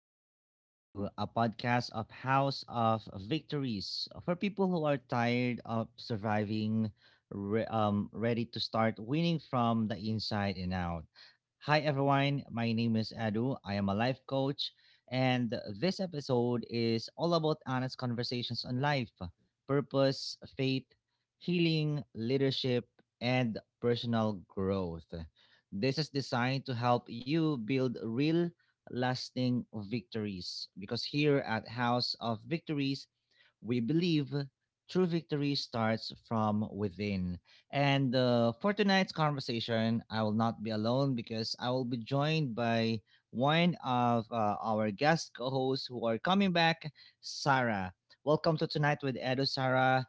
Tonight with Edu, a podcast of House of Victories for people who are tired of surviving, ready to start winning from the inside and out. Hi, everyone. My name is Edu. I am a life coach, and this episode is all about honest conversations on life, purpose, faith, healing, leadership, and personal growth. This is designed to help you build real lasting victories. Because here at House of Victories, we believe true victory starts from within. And for tonight's conversation, I will not be alone because I will be joined by one of our guest co hosts who are coming back, Sarah. Welcome to Tonight with Edo, Sarah.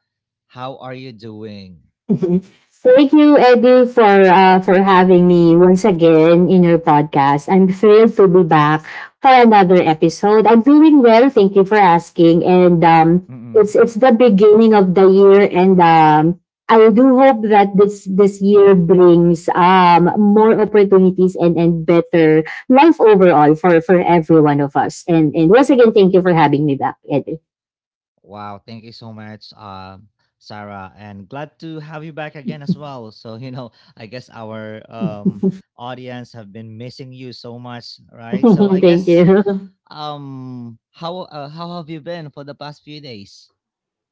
How are you doing? Mhm. Thank you, Eddie, for having me once again in your podcast. I'm thrilled to be back for another episode. I'm doing well, thank you for asking. And Mm-mm. it's the beginning of the year, and I do hope that this year brings more opportunities and better life overall for every one of us. And once again, thank you for having me back, Eddie. Wow, thank you so much, Sarah, and glad to have you back again as well. So, you know, I guess our audience have been missing you so much, right? So, I Thank guess you. How have you been for the past few days?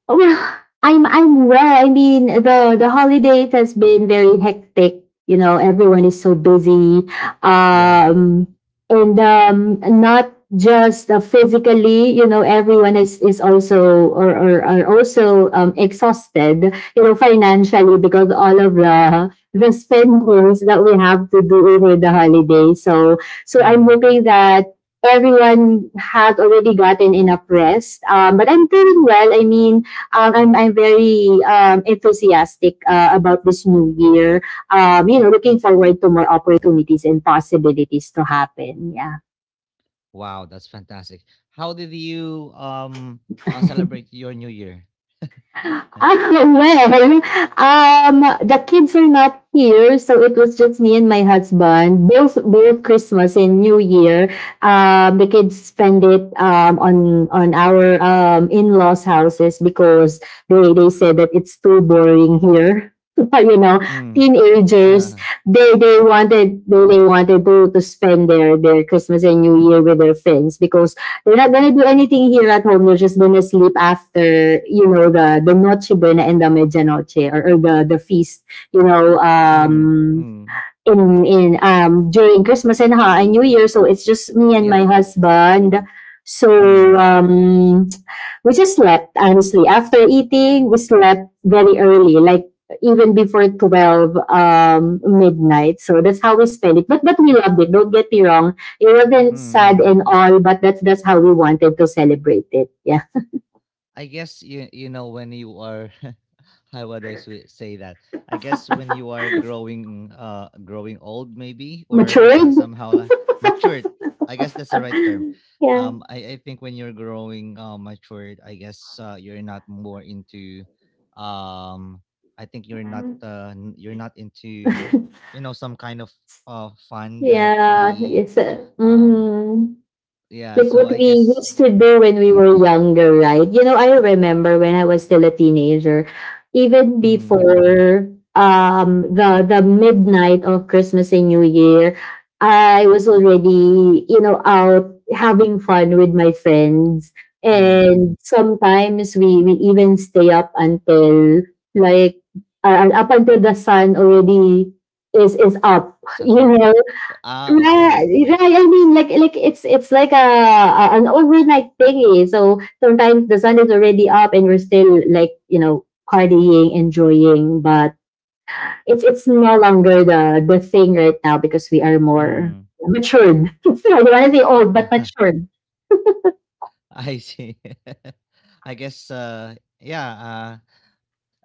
Oh, well, I'm well. I mean, the holidays has been very hectic. You know, everyone is so busy, Yeah. um, and not just physically. You know, everyone is also or are also exhausted. You know, financially because all of the spendings that we have to do over the holiday. So I'm Mm. hoping that everyone had already gotten enough rest. But I'm doing well. I mean I'm very enthusiastic about this new year. You know, looking forward to more opportunities and possibilities to happen. Yeah. Wow, that's fantastic. How did you celebrate your new year? Ah, well, um, the kids are not here, so it was just me and my husband. Both Christmas and New Year, the kids spend it on our in laws' houses because they said that it's too boring here. You know, Mm. teenagers Uh, they wanted to spend their Christmas and New Year with their friends because we're not gonna do anything here at home. We're just gonna sleep after, you know, the Noche Buena and the Medianoche or the feast. You know, mm. Mm. In during Christmas and ha and New Year, so it's just me and my Yep. husband. So Mm. um we just slept honestly. After eating, we slept very early, like even before twelve midnight. So that's how we spent it. But we loved it. Don't get me wrong. It wasn't Mm. sad Mm. and all, but that's how we wanted to celebrate it. Yeah, I guess you know when you are, how would I say that? I guess when you are growing growing old, maybe, or matured. somehow matured. I guess that's the right term. Yeah. I think when you're growing matured, I guess you're not more into um I think you're not you're not into, you know, some kind of fun that Yeah, the yes. Um Mm-hmm. yeah, Like so what I we guess. used to do when we were younger, right? You know, I remember when I was still a teenager, even Mm, before the midnight of Christmas and New Year, I was already, you know, out having fun with my friends. mm. And sometimes we even stay up until like up until the sun already is up, you Settled. know. Ah, okay. Right, right. I mean, like it's like a an overnight thingy. So sometimes the sun is already up, and we're still like, you know, partying, enjoying. But it's no longer the thing right now because we are more Mm, matured. I don't want to say old, yeah. but matured. I see. I guess, yeah,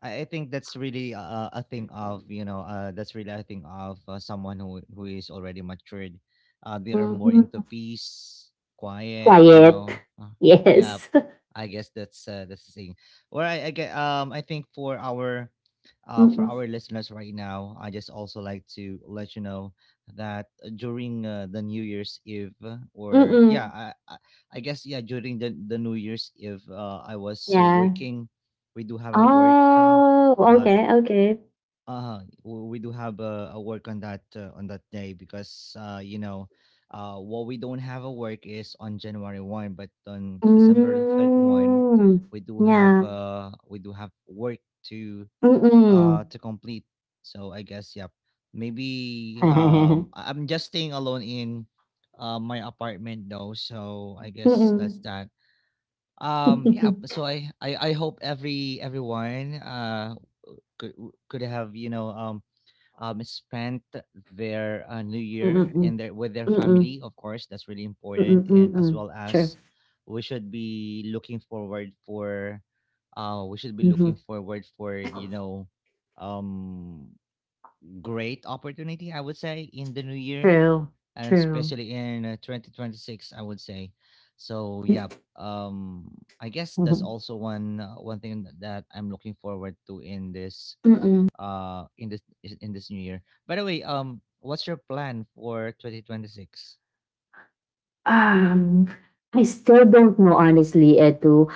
I think that's really a thing of, that's really a thing of, someone who is already matured. They are more into Hmm. peace, quiet. You Quiet. know, yeah. Yes. I guess that's the thing. Well, I get I think for our uh for Mm-mm. our listeners right now, I just also like to let you know that during, the New Year's Eve, or yeah, Mm-mm. I, I guess, yeah, during the New Year's Eve, I was so Yeah. working, we do have a work, Oh. uh Okay. Okay. We do have a work on that day because, you know, what we don't have a work is on January 1, but on December 31 Mm. we do have Yeah. uh we do have work to Mm-mm. to complete. So I guess, yep, maybe Mm. I'm just staying alone in my apartment, though, so I guess that's Mm. that. Yeah, Mm, so I hope every everyone uh could could have, you know, spent their, new year in their, with their mm, family, of course. That's really important, mm, and as mm. well True. as, we should be looking forward for, Mhm. You know, um great opportunity, I would say, in the new year, True. and True. especially in, 2026, I would say. So yeah, um I guess that's Mhm. also one thing that I'm looking forward to in this Mm. In this in this new year. By the way, what's your plan for 2026? Um, I still don't know honestly, Edu.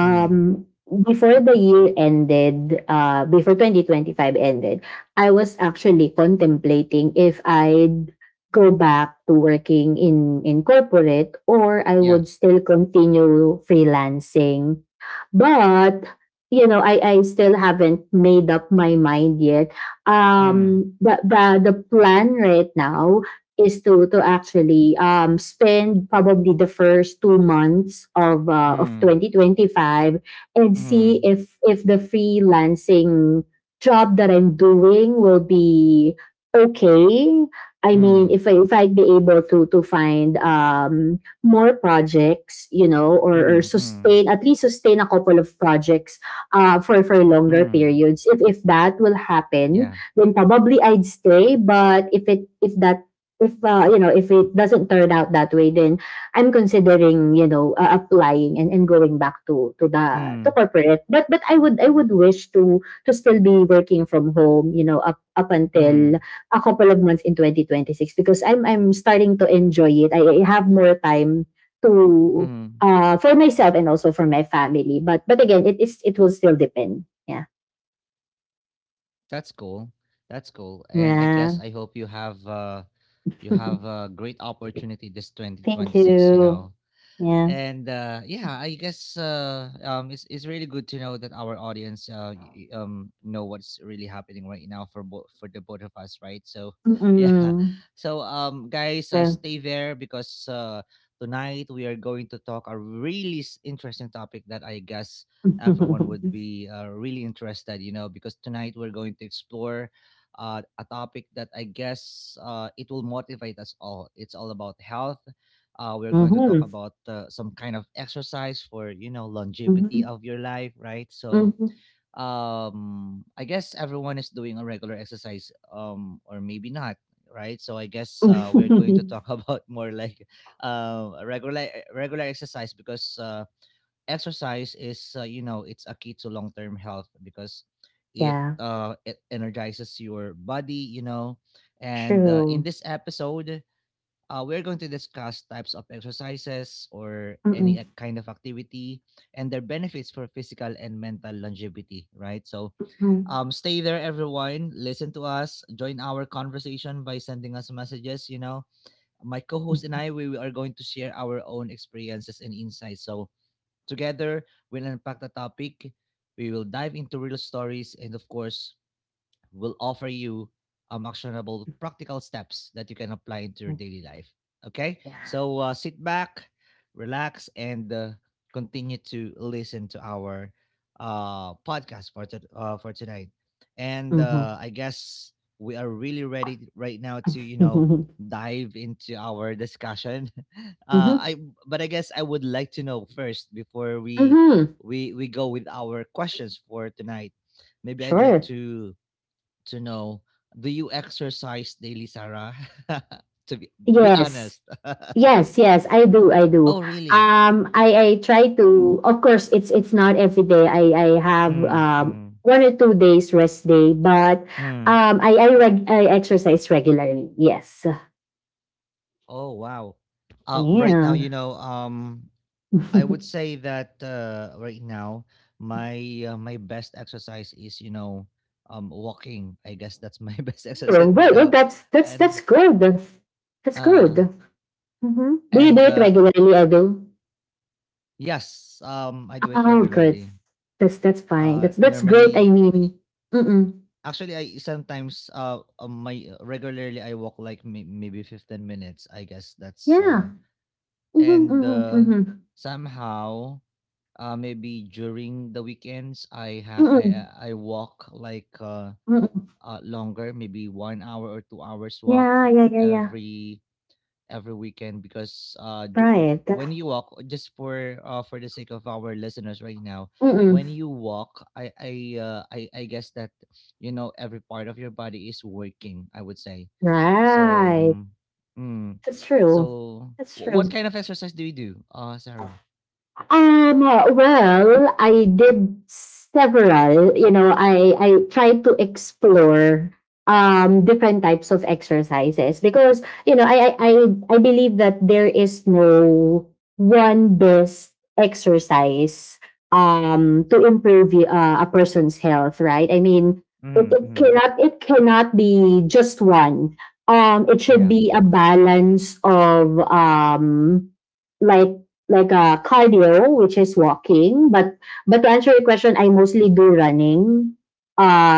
Mm. before the year ended, before 2025 ended, I was actually contemplating if I'd go back to working in corporate or I Yeah. would still continue freelancing. But you know, I still haven't made up my mind yet. Mm. The plan right now is to actually spend probably the first 2 months of Mm. 2025 and see Mm. If the freelancing job that I'm doing will be okay. I mean, Mm. If I'd be able to find more projects, you know, or Mm. Mm. sustain, at least sustain, a couple of projects for longer Mm. periods. If that will Yeah. happen, then probably I'd stay. But if it if that if You know, if it doesn't turn out that way, then I'm considering, you know, applying and going back to the Mm. to corporate. But I would wish to still be working from home, you know, up until Mm. a couple of months in 2026 because I'm starting to enjoy it. I have more time to Mm. For myself and also for my family. But again, it will still depend. Yeah. That's cool. That's cool. And I guess Yeah. I hope you have, you have a great opportunity this Thank 2026, you you. know. Yeah. And yeah, I guess, it's really good to know that our audience, know what's really happening right now, for both, for the both of us, right? So yeah. Mm-mm. So guys, Yeah. stay there because tonight we are going to talk a really interesting topic that I guess everyone would Mm-hmm. be really interested, you know, because tonight we're going to explore, a topic that I guess, it will motivate us all. It's all about health. We're going to talk about some kind of exercise for, you know, longevity Mm-hmm. of your life, right? So Mm-hmm. I guess everyone is doing a regular exercise, or maybe not, right? So I guess, we're going to talk about more like regular exercise because, exercise is, you know, it's a key to long term health because it Yeah. uh it energizes your body, you know. And in True. this episode, we're going to discuss types of exercises or any Mm-mm. Kind of activity and their benefits for physical and mental longevity, right? So Mm-mm. Stay there, everyone. Listen to us. Join our conversation by sending us messages. You know, my co host and I, we are going to share our own experiences and insights. So together, we'll unpack the topic. We will dive into real stories and, of course, will offer you actionable practical steps that you can apply into your Mm-hmm. daily life. Okay, Yeah. so sit back, relax, and continue to listen to our, podcast for tonight. And Mm-hmm. I guess we are really ready right now to, you know, dive into our discussion. Mm-hmm. I but I guess I would like to know first, before we Mm-hmm. we we go with our questions for tonight. Maybe I'd like Sure. to know, do you exercise daily, Sarah? to be Yes. honest. Yes, yes, I do, I do. Oh, really? I try to. Of course, it's not every day. I have Mm, mm, 1 or 2 days rest day, but mm. I exercise regularly. Yes, Oh, wow. Right now, yeah. you know, well, I would say that, right now, my best exercise is, you know, walking. I guess that's my best exercise right well, now, that's that's and, that's good. That's good. uh, Mm-hmm. Do you do and it uh, regularly? I do. yes, I do it Oh, good. regularly. That's fine. That's great. I normally. mean, mm-mm. Actually, I sometimes, my, regularly I walk like, maybe 15 minutes. I guess that's, Yeah. Mm-hmm, and mm-hmm, mm-hmm, somehow, maybe during the weekends I ha- mm-mm, I walk like, mm-mm. Longer, maybe 1 hour or 2 hours walk Yeah, yeah, yeah, yeah. every every weekend because, Right. when That you walk, just for, for the sake of our listeners right now, when mm. you walk I guess that, you know, every part of your body is working, I would say. So Right. mm, mm. That's true. So That's what true. kind of exercise do you do, Sarah? Well, I did several. You know, I tried to explore different types of exercises because you know I believe that there is no one best exercise to improve a person's health. Right? I mean, Mm, mm. It cannot be just one. It should Yeah. be a balance of like a cardio, which is walking. But to answer your question, I mostly do running.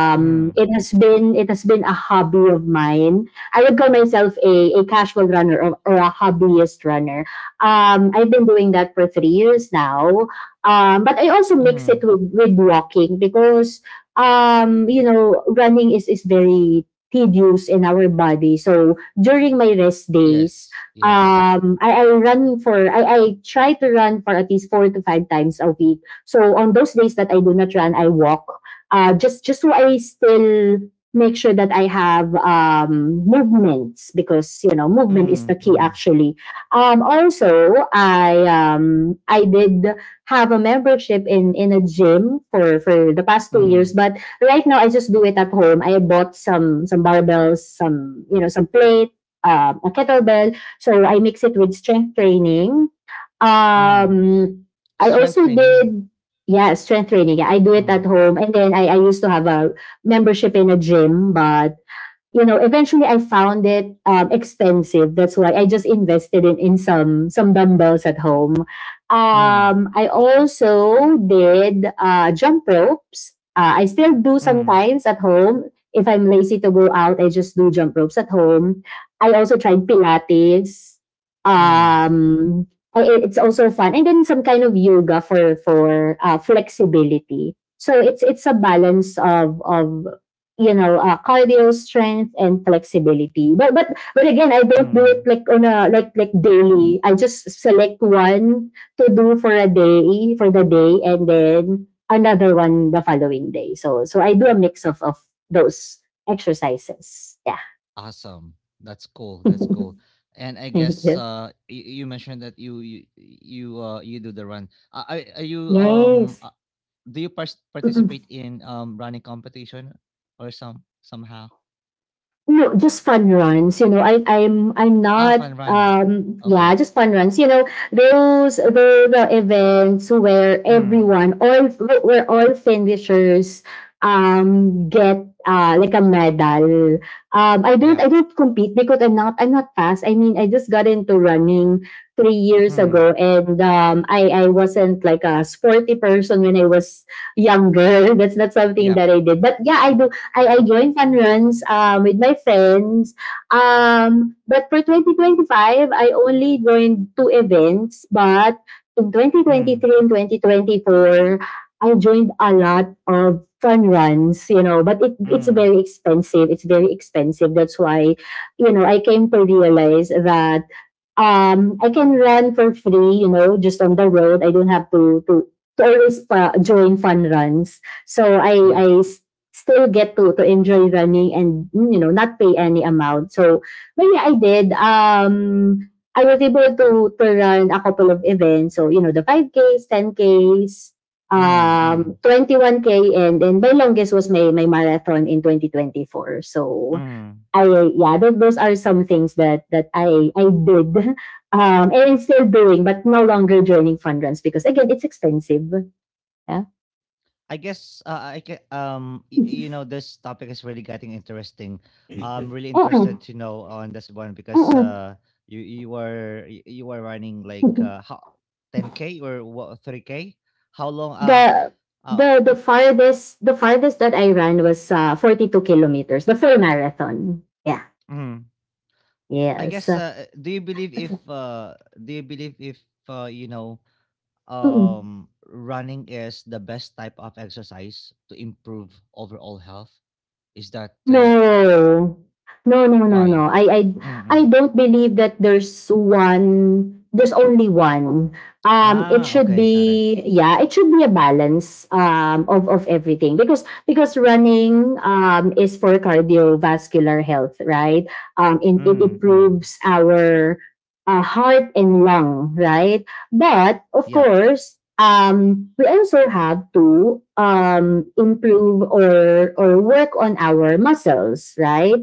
Mm, It has been a hobby of mine. I would call myself a casual runner or a hobbyist runner. I've been doing that for 3 years now. But I also mix mm. it with walking because you know, running is very tedious in our body. So during my rest days, Yes, yes. I try to run for at least 4 to 5 times a week. So on those days that I do not run, I walk. Just so I still make sure that I have movements because you know movement is Mm, the key mm, actually. Um, also I did have a membership in a gym for the past two mm, years but right now I just do it at home. I bought some barbells, some, you know, some plate, a kettlebell. So I mix it with strength training. mm. Um, I Strength also training. did yeah, strength training. Yeah, I do it Mm, at home, and then I used to have a membership in a gym, but you know, eventually I found it expensive. That's why I just invested in some dumbbells at home. mm, I also did jump ropes. I still do mm, sometimes at home. If I'm lazy to go out, I just do jump ropes at home. I also tried Pilates. mm. Um, it's also fun, and then some kind of yoga for flexibility. So it's a balance of, you know, cardio, strength, and flexibility. But again, I don't do it Mm. like on a, like, daily. I just select one to do for a day for the day, and then another one the following day. So so I do a mix of those exercises, yeah. Awesome. That's cool. That's cool. And I Thank guess, you. You mentioned that you do the run. Are you, Yes. Do you participate in running competition, or somehow? No, just fun runs. You know, I'm Ah, not fun run. Yeah, Okay. just fun runs. You know, those, the events where Mm. everyone all where all finishers get like a medal. Um, I Yep. don't compete because I'm not fast. I mean, I just got into running 3 years Mm. ago, and I wasn't like a sporty person when I was younger. That's not something that Yep. I did. But yeah, I do I joined fun runs with my friends. But for 2025, I only joined two events. But in Mm. 2023 and 2024, I joined a lot of fun runs, you know, but it's very Mm. expensive. It's very expensive. That's why, you know, I came to realize that I can run for free, you know, just on the road. I don't have to join fun runs. So I I Yep. s- still get to enjoy running, and, you know, not pay any amount. So but yeah, I did. I was able to run a couple of events. So you know, the 5K's, 10K's, Mm. Mm. 21K k, and then my longest was my my marathon in 2024. So Mm. I yeah, those are some things that I did. Um, and still doing, but no longer joining fund runs because again it's expensive. Yeah. I guess, I, you know this topic is really getting interesting. I'm really interested Mm-mm, to know on this one because, mm-mm. You, you were running like, how, 10K or what, 3K? How long, The uh the farthest the farthest that I ran was 2 kilometers, the full marathon. Yeah. mm, I Yes. guess, do you believe if, Mm-mm. Running is the best type of exercise to improve overall health? Is that, No. No, no, no, why? no. I don't believe that there's only one. Um, it Ah, should okay, got it. be, yeah, it should be a balance of everything. Because running is for cardiovascular health, right? And it Mm, mm. improves our heart and lung, right? But of Yep. course, we also have to improve or work on our muscles, right?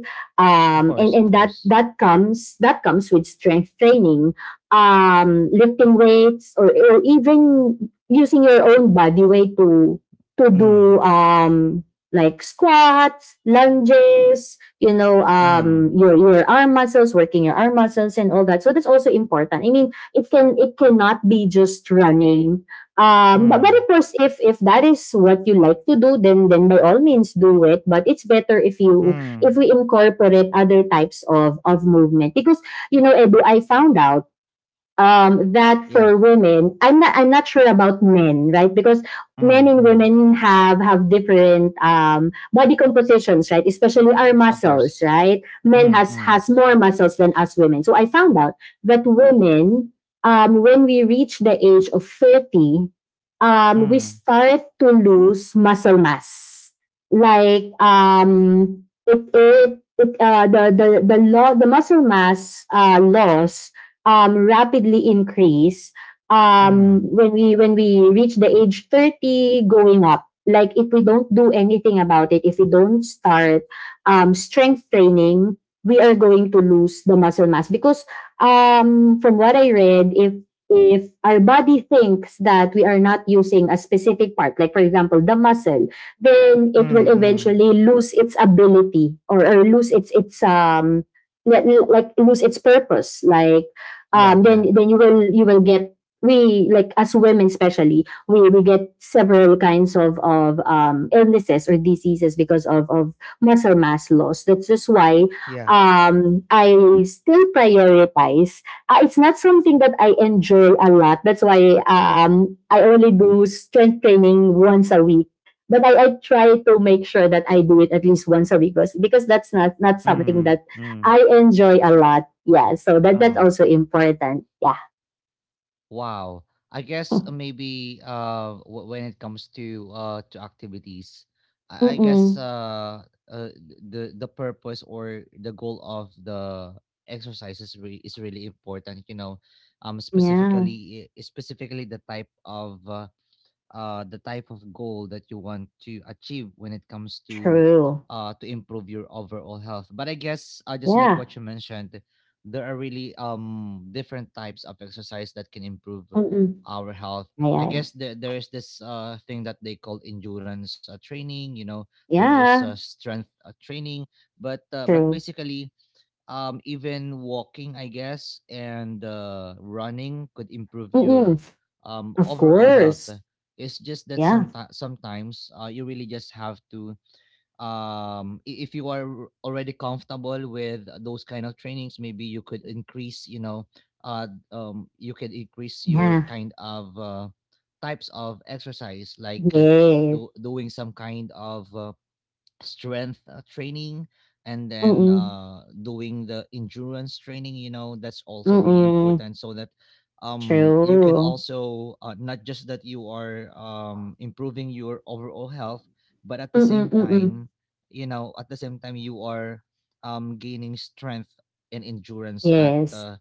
Of Um, course, and of and that course. that comes that comes with strength training, lifting weights, or even using your own body weight to do Mm, like squats, lunges, you know, mm, your arm muscles, working your arm muscles and all that. So that's also important. I mean, it cannot be just running. But of mm, course, if that is what you like to do, then by all means do it. But it's better if mm. we incorporate other types of movement because, you know, Edu, I found out, that Yeah, for women, I'm not sure about men, right? Because men mm, and mm. women have different body compositions, right? Especially our Of muscles, course. right? Men Mm, has mm, has more muscles than us women. So I found out that women, when we reach the age of 30, we mm, start to lose muscle mass. Like, it, it, it the muscle mass loss rapidly increase mm, when we reach the age 30 going up, like if we don't do anything about it, if we don't start strength training, we are going to lose the muscle mass because, from what I read, if our body thinks that we are not using a specific part, like for example the muscle, then it mm, will mm. eventually lose its ability, or lose its lose its purpose. like Yeah, um yeah, then then you will you will get— we, like, as women, especially, we get several kinds of illnesses or diseases because of muscle mass loss. That's just why, yeah. I still prioritize. It's not something that I enjoy a lot, that's why I only do strength training once a week. But I try to make sure that I do it at least once a week, because that's not something Mm, that mm. I enjoy a lot. Yeah, so that's Oo. also important. Yeah. Wow. I guess, maybe, when it comes to, activities, I guess, Mm-mm. The purpose or the goal of the exercises is really important. You know, Yeah. specifically, specifically the type of goal that you want to achieve when it comes to, True. Improve your overall health. But I guess, just like Yeah. what you mentioned, there are really different types of exercise that can improve Mm-mm. our health. Yeah, I yeah. Yeah. guess there is this, thing that they call endurance, training. You know, there is, Yeah, strength, training, but, true. basically, even walking, I guess, and, running could improve your, Mm-mm. Of overall health. course. It's just that Yeah. sometimes, you really just have to, if you are already comfortable with those kind of trainings, maybe you could increase, you know, uh, you could increase your Yeah. kind of, types of exercise, like, Yes. Doing some kind of, strength, training, and then, Mm-mm. Doing the endurance training, you know, that's also really Mm-mm. important, so that you can True. also, not just that you are, improving your overall health, but at the Mm-mm. same Mm-mm. time, you know, at the same time, you are, gaining strength and endurance at, Yes. uh,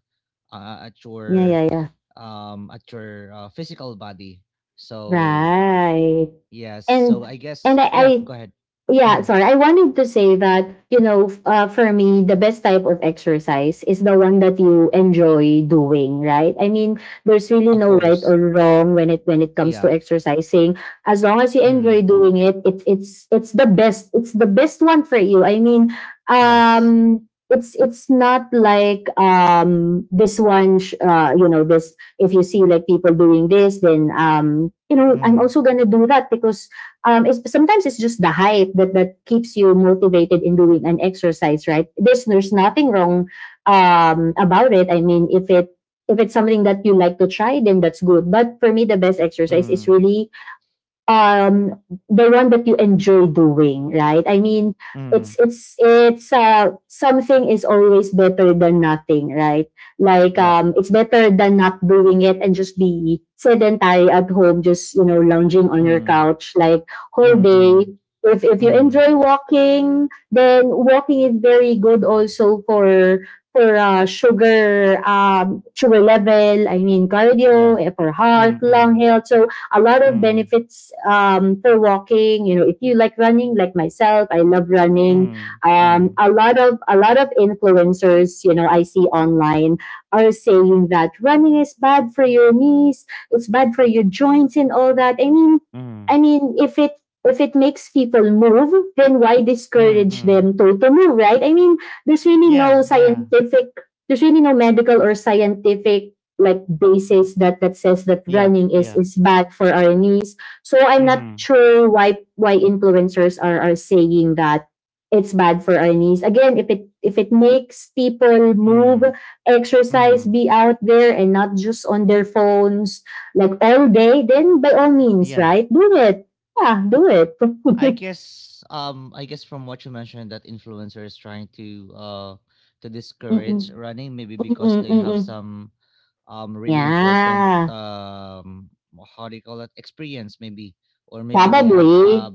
uh at Yeah. your, Yeah. Yeah. Physical body. So, Right. yes, And so I and guess, yeah, I go ahead. yeah, Mm. sorry. I wanted to say that, you know, for me, the best type of exercise is the one that you enjoy doing, right? I mean, there's really Of no right or course. wrong when it comes to Yep. exercising. As long as you enjoy Mm, doing it, it's the best. It's the best one for you. I mean, yes, um it's not like, this you know, this, if you see like people doing this, then, you know, I'm mm, also gonna do that because, sometimes it's just the hype that keeps you motivated in doing an exercise, right? There's nothing wrong about it. I mean, if it's something that you like to try, then that's good. But for me, the best exercise is mm, really, um the one that you enjoy doing, right? I mean, mm, it's something is always better than nothing, right? Like, yep, it's better than not doing it and just be sedentary at home, just, you know, lounging on your mm, couch, like, whole mm, day. mm, If you mm. enjoy walking, then walking is very good also for sugar, sugar level, I mean cardio, Yeah. For heart, Mm, lung mm, health. So a lot of mm, benefits, for walking. You know, if you like running, like myself, I love running. mm, mm, A lot of influencers, you know, I see online are saying that running is bad for your knees, it's bad for your joints and all that. I mean, mm, I mean, if it makes people move, then why mm, discourage mm. them to move, right? I mean, there's really Yeah, no yeah. scientific there's really no medical or scientific, like, basis that says that Yep, running is yep. is bad for our knees. So I'm not Mm-hmm. sure why influencers are saying that it's bad for our knees. Again, if it makes people move, Mm, exercise, mm. be out there and not just on their phones like all day, then by all means, Yeah. right? Do it. Yeah, do I it. guess um I guess from what you mentioned that influencers trying to, uh to discourage Mm-mm. running, maybe because Mm-mm. they have Mm-mm. some, really important, Yeah. How do you call it, experience maybe, or maybe they had Probably. a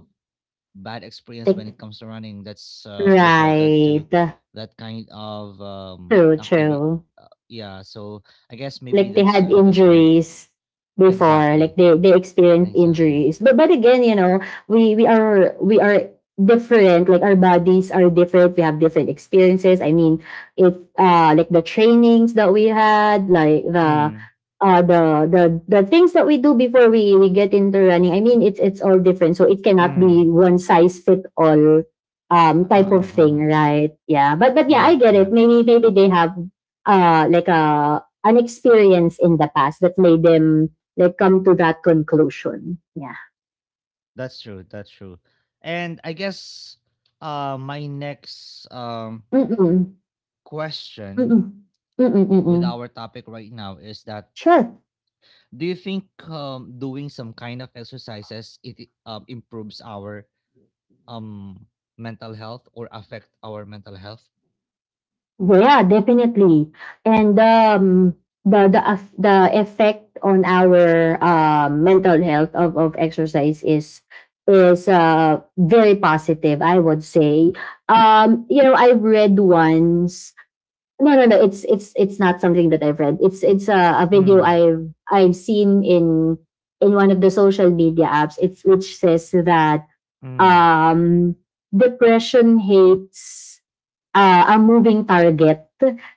bad experience when it Like, comes to running that's resulted to right. that kind of True, activity, true. Yeah. So I guess maybe Like, they had that's why. injuries Exactly. before, like they experienced Exactly. injuries, but again, you know, we are different, like our bodies are different, we have different experiences. I mean, if like the trainings that we had, like Mm. uh the the the things that we do before we get into running, I mean, it's all different, so it cannot be Mm. one size fit all, uh, type of uh, uh. thing, right? Yeah, but Yeah. yeah, I get it. Maybe, they have, like a an experience in the past that made them, like, come to that conclusion. Yeah. That's true. That's true. And I guess my next, Mm-mm. question Mm-mm. Mm-mm. with Mm-mm. our topic right now is that, Sure. do you think, doing some kind of exercises, improves our, um, mental health or affect our mental health? Yeah, definitely. And, the effect on our mental health of exercise is very positive, I would say. You know, I've read once— no, no, no. It's not something that I've read. It's a video Mm, I've seen in one of the social media apps, It's which says that, mm, um, depression hates, a moving target.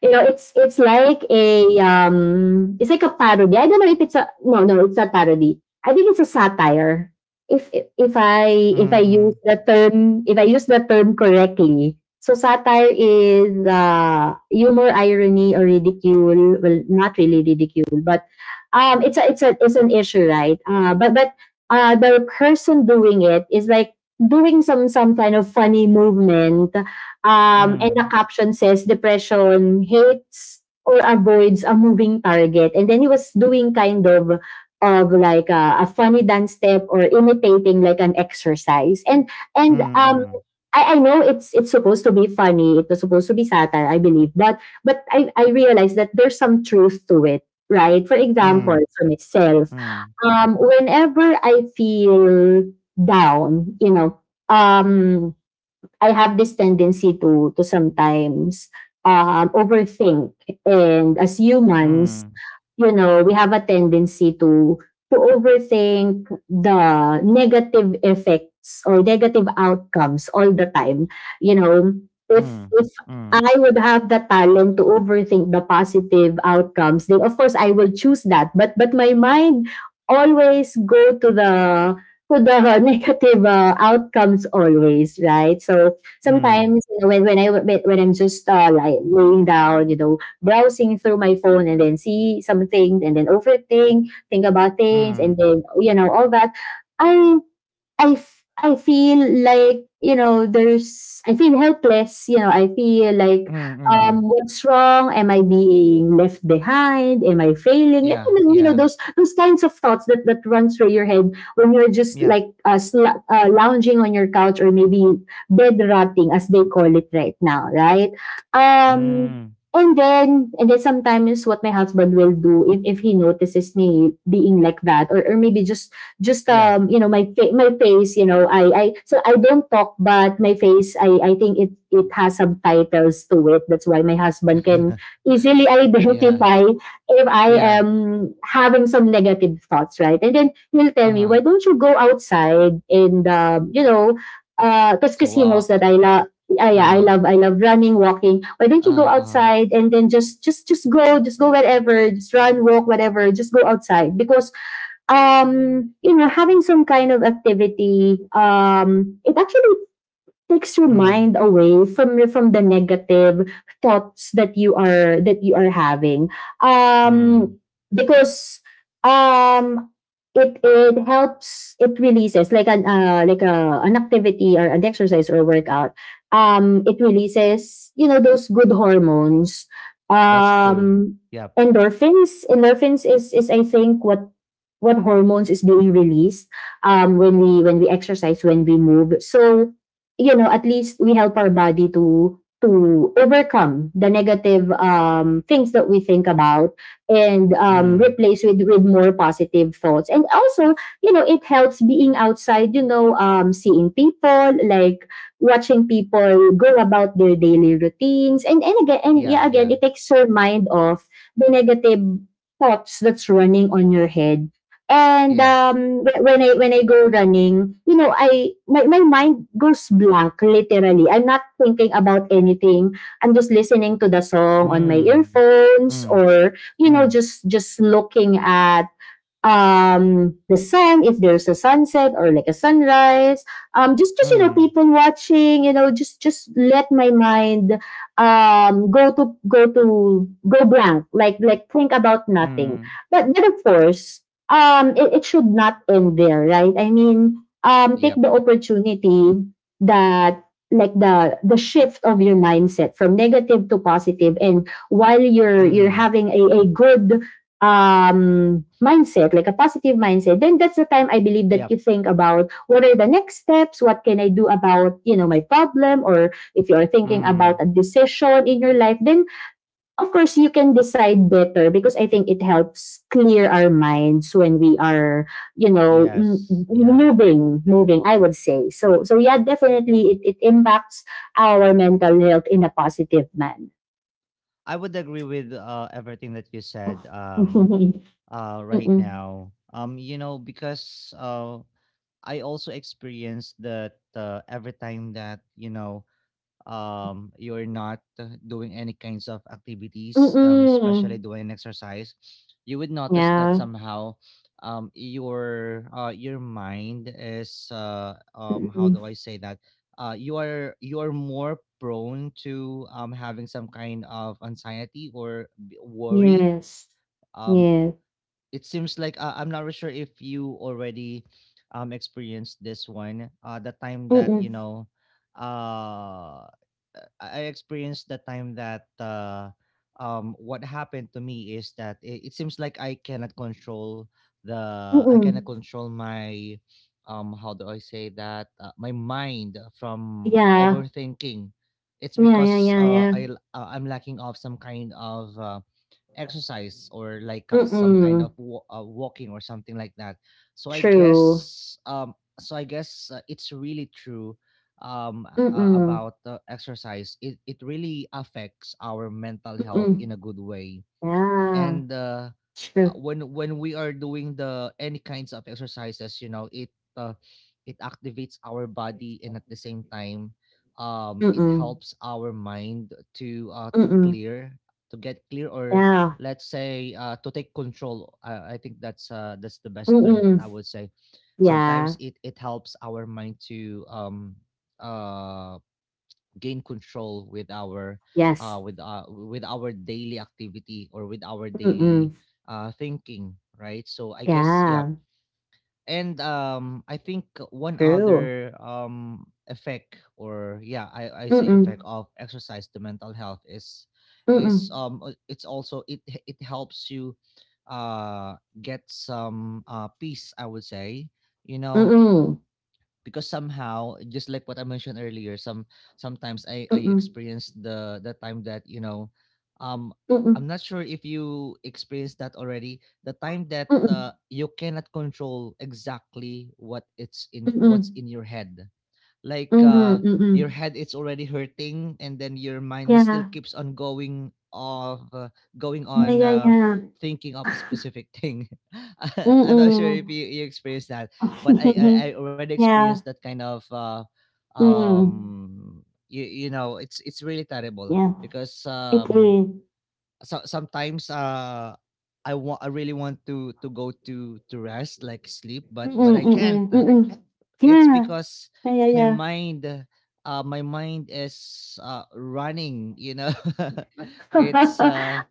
You know, it's like a parody. I don't know if it's a— no, no, it's not parody. I think it's a satire. If I use mm, the term, if I use the term correctly. So satire is, humor, irony, or ridicule. Well, not really ridicule, but, it's an issue, right? But the person doing it is, like, doing some kind of funny movement, and the mm, caption says, "Depression hates or avoids a moving target." And then he was doing kind of, like, a funny dance step, or imitating like an exercise. And and um, mm, I, I know it's supposed to be funny. It was supposed to be satire, I believe. But I realized that there's some truth to it, right? For mm, example, mm, for myself, mm, whenever I feel down, you know, um, I have this tendency to sometimes, overthink, and, as humans, mm, you know, we have a tendency to overthink the negative effects or negative outcomes all the time. You know, mm, mm, mm, if I would have the talent to overthink the positive outcomes, then of course I will choose that. But my mind always go to the negative, outcomes always, right? So sometimes, you know, when I when I'm just, like, laying down, you know, browsing through my phone and then see something and then overthink, think about mm, things, and mm, then, you know, all that. I I feel like, you know, there's I feel helpless. You know, I feel like, mm, mm. what's wrong? Am I being left behind? Am I failing? And Yeah. then, you know, Yeah. Those kinds of thoughts that run through your head when you're just Yep. like, lounging on your couch, or maybe bed rotting as they call it right now, right? Um. Mm. And then sometimes what my husband will do, if he notices me being like that, or maybe just, Yeah. You know, my face— you know, I so I don't talk, but my face, I think it has subtitles to it, that's why my husband can easily Yeah, identify if I yeah, am having some negative thoughts, right. And then he'll tell me, uh-huh, why don't you go outside and, you know, to because he knows walk, that I love— yeah, yeah, uh-huh, I love running, walking. Why don't you go uh-uh, outside and then just go wherever, just run, walk, whatever. Just go outside because, you know, having some kind of activity, it actually takes your mm, mind away from your from the negative thoughts that you are having mm, um because, um it helps, it releases, like an like a an activity or an exercise or workout, it releases, you know, those good hormones. that's true, um yep, Endorphins is I think what hormones is being released, when we exercise, when we move. So, you know, at least we help our body to overcome the negative, things that we think about, and, mm, replace with more positive thoughts. And also, you know, it helps being outside. You know, seeing people, like watching people go about their daily routines, and again, and yeah, yeah, again, yeah, it takes your mind off the negative thoughts that's running on your head. And yeah, wh- when I go running, you know, my mind goes blank, literally. I'm not thinking about anything. I'm just listening to the song on my mm, mm, earphones, or you mm, know, just looking at the sun, if there's a sunset or like a sunrise. Just You know, mm, people watching, you know, just let my mind go blank, like think about nothing. mm, But of course, it should not end there, right? I mean, take yep, the opportunity, that, like, the shift of your mindset from negative to positive. And while you're mm-hmm, having a good, mindset, like a positive mindset, then that's the time, I believe, that yep, you think about what are the next steps, what can I do about, you know, my problem, or if you're thinking mm, about a decision in your life. Then of course you can decide better, because I think it helps clear our minds when we are, you know, m- yes, yep. moving moving I would say. So yeah, definitely it impacts our mental health in a positive manner. I would agree with everything that you said, right Mm-mm. now. You know, because, I also experienced that, every time that, you're not, doing any kinds of activities, especially Mm-mm. doing exercise, you would notice that Yeah. somehow, your, your mind is, how Mm, do I say that, you are, more prone to, having some kind of anxiety or worry. yes. um Yes. it seems like, I'm not really sure if you already experienced this one. The time that, Mm-mm. Uh, I experienced the time that, what happened to me is that it, seems like I cannot control Mm-mm. My, how do I say that, my mind from Yeah. overthinking. It's Yeah, yeah, because, yeah, yeah. I'm lacking of some kind of, exercise, or like, some kind of, Mm-mm. Walking or something like that. so i True. guess um so i guess uh, it's really true, Mm-mm. about, exercise, it really affects our mental health Mm-mm. in a good way. Yeah. And, True. when we are doing the any kinds of exercises, you know, it, uh, it activates our body, and at the same time, it Mm-mm. helps our mind to, to Mm-mm. clear, to get clear, or Yeah. let's say, to take control. I think that's, that's the best term that Mm-mm. I would say. Sometimes Yeah. it helps our mind to, um gain control with our, Yes. With our daily activity or with our Mm-mm. daily, thinking, right? So I guess, yeah. Yeah. And I think one True. other effect, or yeah, I say effect Mm-mm. of exercise to mental health is, Mm-mm. It's also it helps you, uh get some, peace, I would say. You know, Mm-mm. because somehow, just like what I mentioned earlier, sometimes I Mm-mm. experienced the time that, um Mm-mm. I'm not sure if you experienced that already, the time that, Mm-mm. You cannot control exactly what's Mm-mm. in your head. Like, Mm-hmm. Your Mm-mm. head is already hurting, and then your mind is still Yeah. keeps on going of, going Yeah, on yeah, yeah. thinking of a specific thing. I'm not sure if Mm-mm. you, experienced that. But, I already experienced Yeah. that kind of, Mm. You, you know, it's really terrible, Yeah. because, It is. so, sometimes, I want, I really want to, go to, rest, like sleep, but Mm-mm, I mm-mm, can't. mm-mm. It's Yeah. because Yeah, yeah, my yeah. mind, uh, my mind is, running. You know, it's,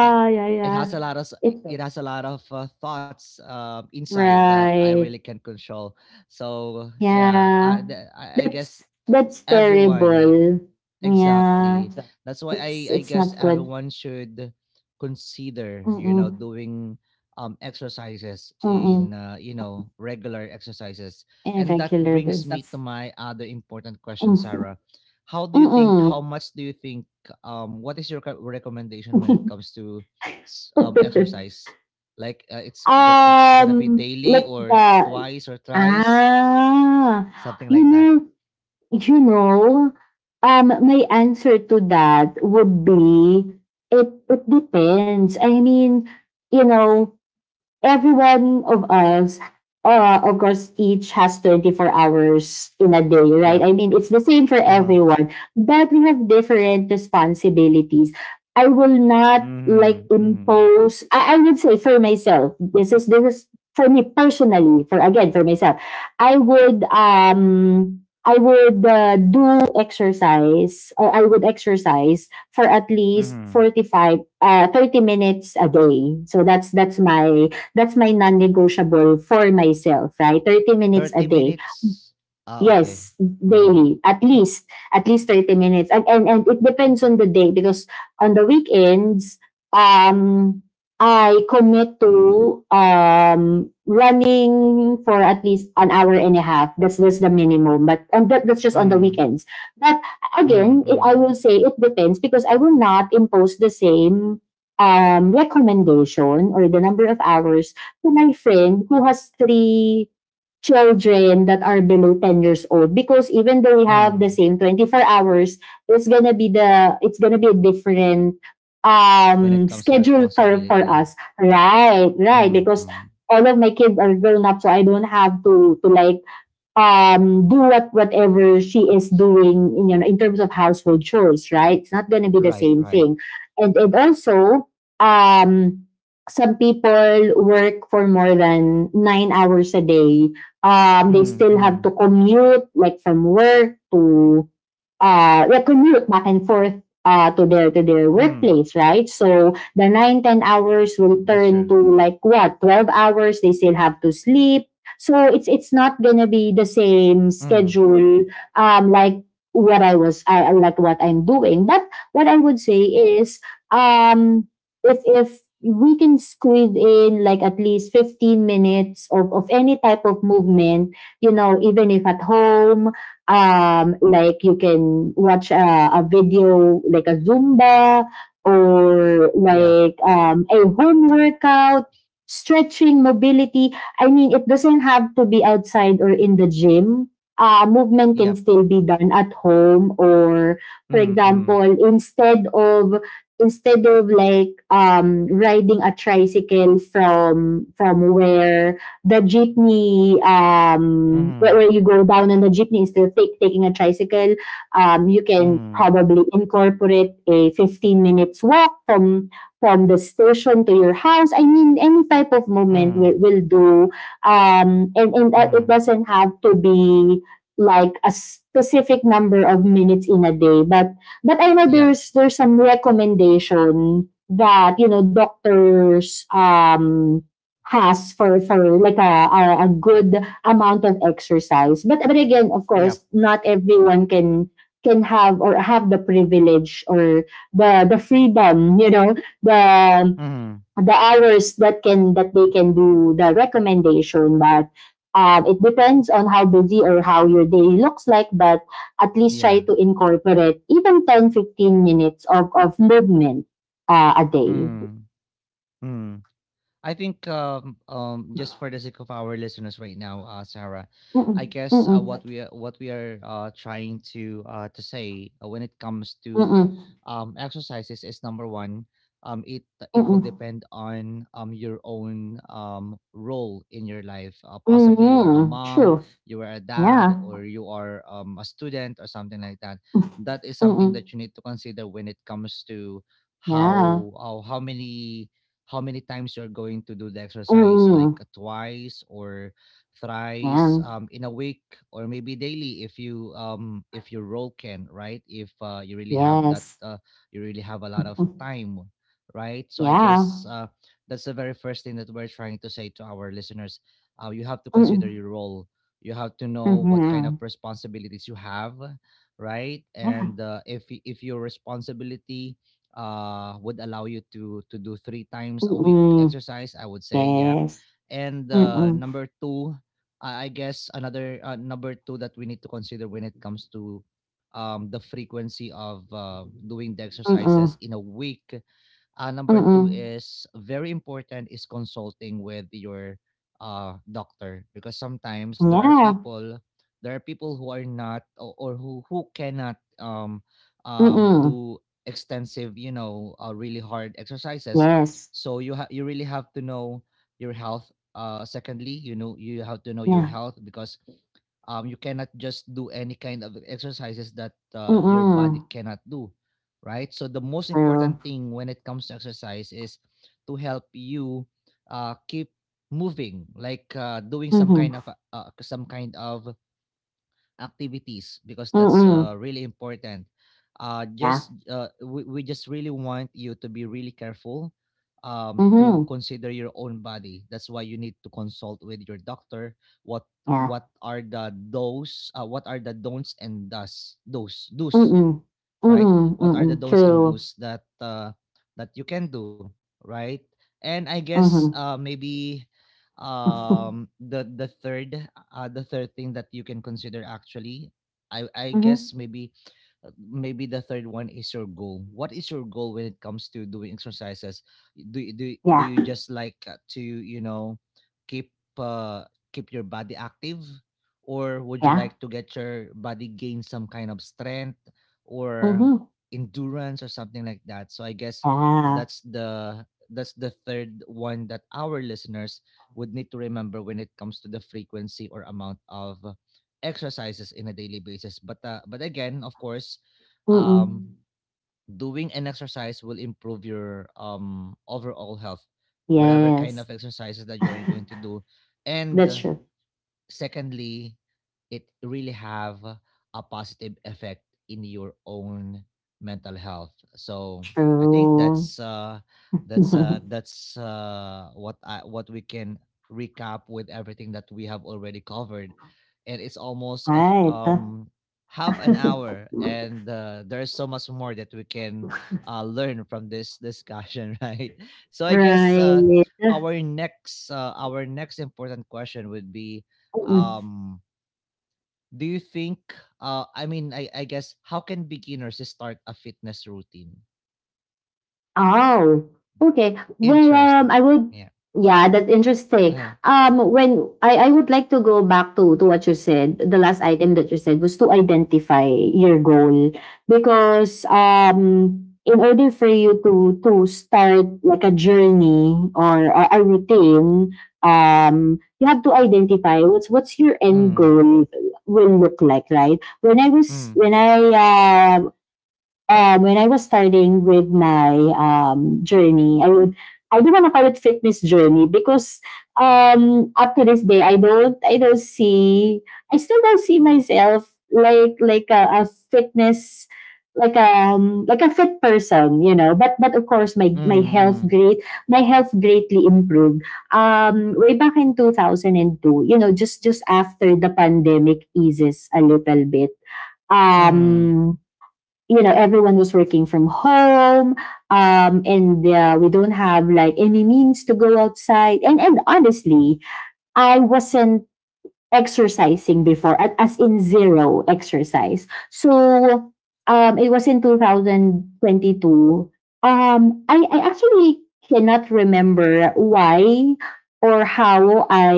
uh, yeah, it has yeah. a lot of, It's thoughts, inside that I really right. can control. So yeah, I, Yeah. the- I guess That's everyone. terrible. Yeah. Exactly. That's why It's I it's guess not good. everyone should consider, Mm-mm, doing exercises mm-mm. in, regular exercises. And that Irregular brings me to business. my other important question, Mm-mm. Sarah. How Mm-mm. much do you think, what is your recommendation when it comes to, exercise? Like, it's going to be daily like or the twice or thrice, Ah, something you like that. know you know, my answer to that would be, it depends. I mean, you know, every one of us, of course, each has 24 hours in a day, right? Yep. I mean, it's the same for Uh-huh. everyone, but we have different responsibilities. I will not like Mhm. Mhm. impose. I would say for myself, this is for me personally, for again, for myself, I would do exercise, or I would exercise for at least Mhm. 45 uh 30 minutes a day. So that's my non-negotiable for myself, right? 30 minutes a 30 day. minutes? Ah, okay. Yes, Mm. daily. At least 30 minutes. And it depends on the day, because on the weekends, um, I commit to, running for at least an hour and a half. That's the minimum. But and that's just on the Mm. weekends. But Mm, again, I mm, will say it depends, because I will not impose the same, recommendation or the number of hours, to my friend who has three children that are below 10 years old. Because even though we have the mm. same 24 hours, it's gonna be a different, When it comes to schedule for responsibility. us, right, Mm, because mm. all of my kids are grown up, so I don't have to like, do whatever she is doing, in, you know, in terms of household chores, right? It's not going to be the Right, same right. thing. And also, um, some people work for more than 9 hours a day. They Mm, still have to mm, commute, like from work to, recommute, back and forth, to their mm. workplace, right? So the 9 to 10 hours That's will true. turn to like what, 12 hours. They still have to sleep, so it's not gonna be the Mm. same schedule. Like, what I was I like what I'm doing. But what I would say is, um if we can squeeze in like at least 15 minutes of any type of movement, you know, even if at home, like you can watch a video, like a zumba, or Yep, like, a home workout, stretching, mobility. I mean, it doesn't have to be outside or in the gym. Movement yep. can still be done at home. Or for Mm, mm. example, instead of like, riding a tricycle from where the jeepney, Mm, where you go down on the jeepney, instead of taking a tricycle. You can mm, probably incorporate a 15 minutes walk from the station to your house. I mean, any type of movement mm, will do. And that it mm. doesn't have to be like a specific number of minutes in a day. But I know Yep, there's some recommendation that, you know, doctors, has for like a good amount of exercise. But again, of yep. course, not everyone can have, or have the privilege, or the freedom, you know, the Mm. the hours that can that they can do the recommendation. But, it depends on how busy or how your day looks like, but at least try Yeah. to incorporate even 10 to 15 minutes of movement, a day. Mm, mm. I think, just for the sake of our listeners right now, Sarah, I Mm-mm, guess, mm-mm, what we are, trying to, to say, when it comes to, mm-mm, exercises, is number one, it will mm-mm. depend on, your own, role in your life. Uh, Mm, possibly you are a Mhm, mom, true. you are a dad, Yeah. or you are, a student or something like that. That is something Mm-mm. that you need to consider when it comes to Yeah. how how how many how many times you're going to do the exercise, like, Mm-mm. Twice or thrice, Yeah. In a week, or maybe daily if you if your role can, right? If, you really have that, Yes. You really have a lot of time, right? So I guess, Yeah. That's the very first thing that we're trying to say to our listeners. You have to consider Mm-mm. your role. You have to know what kind of Mm-hmm. responsibilities you have, right? And, Yeah. If your responsibility, would allow you to, do 3 times a week Mm-mm. exercise, I would say, yep. Yes. And, Mm-mm. number two, I guess another, number two that we need to consider when it comes to, the frequency of, doing the exercises Mm-mm. in a week, number two Mm-mm. is very important, is consulting with your, doctor, because sometimes there are Yeah. people, who are not, or, who cannot, Mm-mm. do extensive, you know, really hard exercises. Yes. So you really have to know your health. Secondly, you know, you have to know your Yeah. health because, you cannot just do any kind of exercises that, your body Mm-mm. cannot do, right? So the most True. important thing when it comes to exercise is to help you, keep moving, like, doing some Mm-hmm. kind of, some kind of activities, because that's, Mm-mm. Really important. Yeah. Just We just really want you to be really careful, to Mm-hmm. consider your own body. That's why you need to consult with your doctor, what Yeah. What are the don'ts and does those do's, Mm-mm. right? Mm-mm. What are the Mm-mm. don'ts and True. do's that, that you can do, right? And I guess, Mm-hmm. maybe um, the the third the third thing that you can consider, actually, I Mm-hmm. guess, maybe the third one is your goal. What is your goal when it comes to doing exercises? Do Yeah. you just like, to, keep uh, keep your body active, or would you Yeah. like to get your body, gain some kind of strength or Mm-hmm. endurance or something like that? So I guess Yeah. that's the that's the third one that our listeners would need to remember when it comes to the frequency or amount of exercises in a daily basis. But, again, of course, Mm-mm. um doing an exercise will improve your overall health, whatever kind Yes. of exercises that you're going to do. And, That's true. secondly, it really have a positive effect in your own mental health. So I think True. That's, what I what we can recap with everything that we have already covered. And it's almost of, Right. Half an hour, and, there's so much more that we can, learn from this discussion. Right? So I guess, Right. Our next important question would be, Mm-mm. um do you think, I mean I guess, how can beginners start a fitness routine? Oh, okay. Well, Interesting. Yeah. yeah, that's interesting. Uh-huh. When I would like to go back to, what you said. The last item that you said was to identify your goal, because, in order for you to, start like a journey or a routine, you have to identify what's, your end Mm, goal will look like, right? When I was, mm, uh, when I was starting with my, journey, I do want to call it fitness journey, because up to this day, I don't see I still don't see myself like a fitness like a fit person, you know. But of course, mm, mm, my health greatly improved, way back in 2002, you know, just after the pandemic eases a little bit. mm. um you know, everyone was working from home. And We don't have like any means to go outside. And honestly, I wasn't exercising before, at as in, zero exercise. So it was in 2022. um I actually cannot remember why, or how I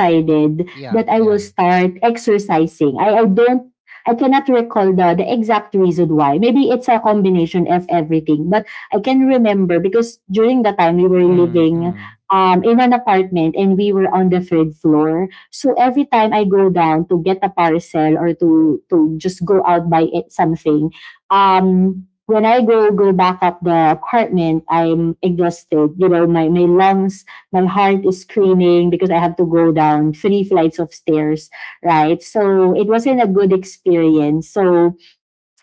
Yeah, yeah. that I will start exercising. I cannot recall the exact reason why. Maybe it's a combination of everything, but I can remember because during the time Mm, we were mm, living, in an apartment, and we were on the third floor. So every time I go down to get a parcel, or to just go out, buy it something, when I go back up the apartment, I'm exhausted. You know, my lungs, my heart is screaming, because I have to go down three flights of stairs, right? So it wasn't a good experience. So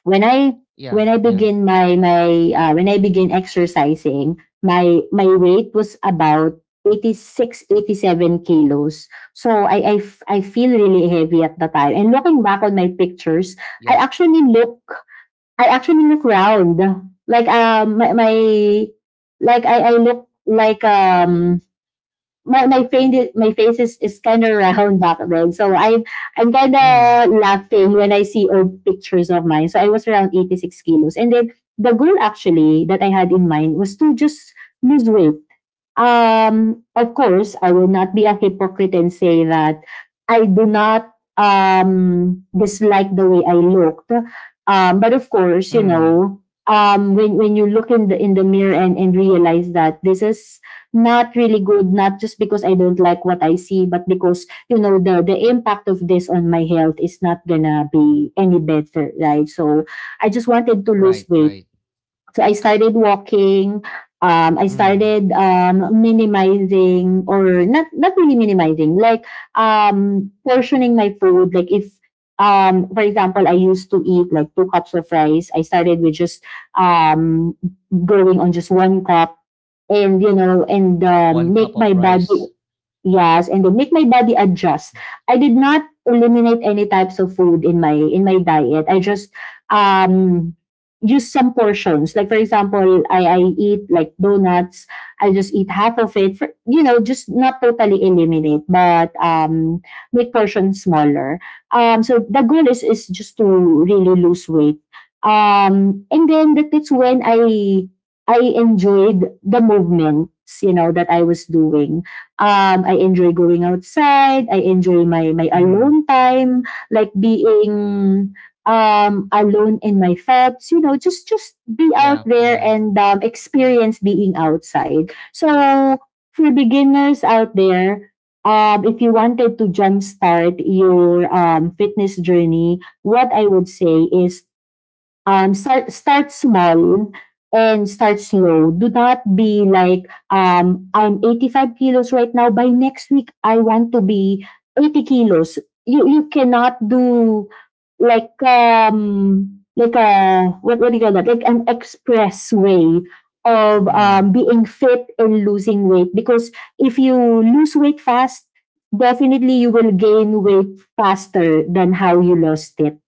when yeah, I yeah, when I begin exercising, my weight was about 86 to 87 kilos. So I feel really heavy at the time. And looking back on my yep, pictures, I actually look I actually look round. Like, my, my like I look like, my my face is- my face is kind of round back then. So I'm kind mm, of laughing when I see old pictures of mine. So I was around 86 kilos, and then the goal actually that I had in mind was to just lose weight. Of course, I will not be a hypocrite and say that I do not, dislike the way I looked. But of course, you mm. know, when you look in the, mirror, and realize that this is not really good, not just because I don't like what I see, but because you know the impact of this on my health is not gonna be any better, right? So I just wanted to Right, lose right. weight. So I started walking. I Mm. started, minimizing, or not really minimizing, like, portioning my food. Like if, for example, I used to eat like two cups of rice. I started with just, um, going on just one cup, and you know, and One cup make of my rice. body... Yes, and then make my body adjust. I did not eliminate any types of food in my, diet. I just, um use some portions. Like for example, I eat like donuts. I just eat half of it, for you know, just not totally eliminate, but make portions smaller. So the goal is just to really lose weight. And then that it's when I enjoyed the movements that I was doing. I enjoy going outside. I enjoy my Mm. alone time, like being alone in my thoughts. You know, just be Yeah, out there yeah. and experience being outside. So for beginners out there, if you wanted to jumpstart your fitness journey, what I would say is start small and start slow. Do not be like, I'm 85 kilos right now. By next week, I want to be 80 kilos. You cannot do like a, what do you call that? Like an express way of Mm. Being fit and losing weight. Because if you lose weight fast, definitely you will gain weight faster than how you lost it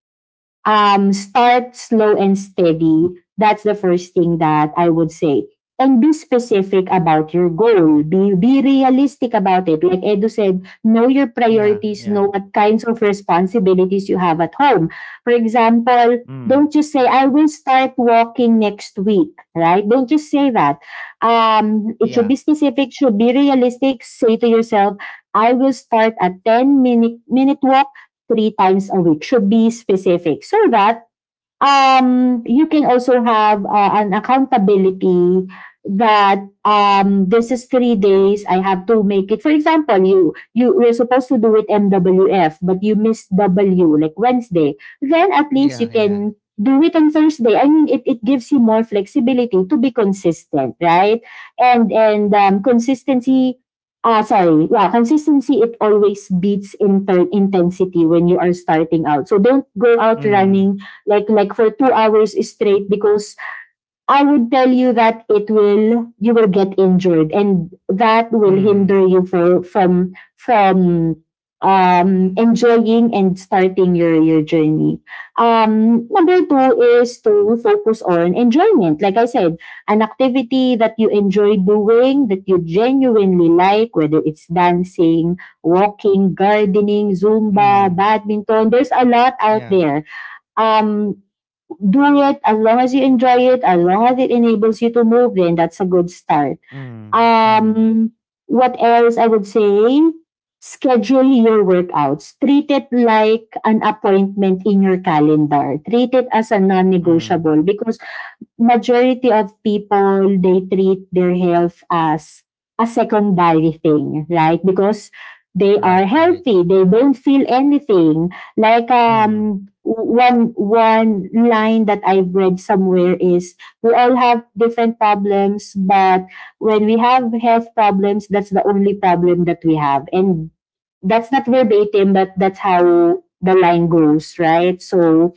um, Start slow and steady. That's the first thing that I would say. And be specific about your goal. Be realistic about it. Like Edu said, know your Yeah, priorities, yeah. know what kinds of responsibilities you have at home. For example, Mm. don't just say, I will start walking next week, right? Don't just say that. It Yeah, should be specific, should be realistic. Say to yourself, I will start a 10 minute walk three times a week. Should be specific so that you can also have an accountability that this is 3 days. I have to make it. For example, you were supposed to do it MWF, but you missed W like Wednesday. Then at least you yeah, yeah. can do it on Thursday. I mean, it gives you more flexibility to be consistent, right? And consistency. Ah, sorry, yeah, consistency it always beats intensity when you are starting out. So don't go out Mm, running like for 2 hours straight because I would tell you that it will you will get injured and that will mm, hinder you for, from enjoying and starting your journey. Number two is to focus on enjoyment. Like I said, an activity that you enjoy doing that you genuinely like, whether it's dancing, walking, gardening, Zumba, mm. badminton. There's a lot out Yeah. there. Um do it as long as you enjoy it, as long as it enables you to move, then that's a good start. Mm, mm, Um, what else I would say? Schedule your workouts. Treat it like an appointment in your calendar. Treat it as a non mm. negotiable because majority of people they treat their health as a secondary thing, right? Because they are Right, right. healthy, they don't feel anything. Like Mm, one line that I've read somewhere is, we all have different problems, but when we have health problems, that's the only problem that we have. And that's not verbatim, but that's how the line goes, right? So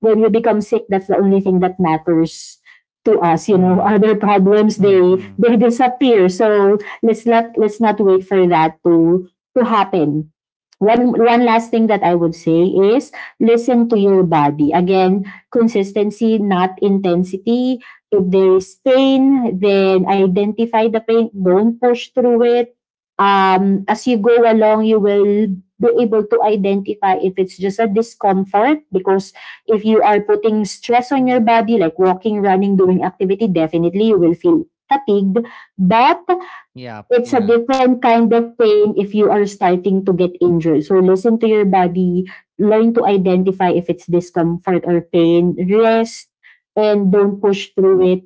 when you become sick, that's the only thing that matters to us. You know, mm, other problems, they mm, mm. they disappear. So let's not wait for that to happen. One last thing that I would say is, listen to your body. Again, consistency, not intensity. If there is pain, then identify the pain. Don't push through it. As you go along, you will be able to identify if it's just a discomfort, because if you are putting stress on your body, like walking, running, doing activity, definitely you will feel fatigued. But Yeah, it's a yeah. different kind of pain if you are starting to get injured. So listen to your body, learn to identify if it's discomfort or pain, rest, and don't push through it.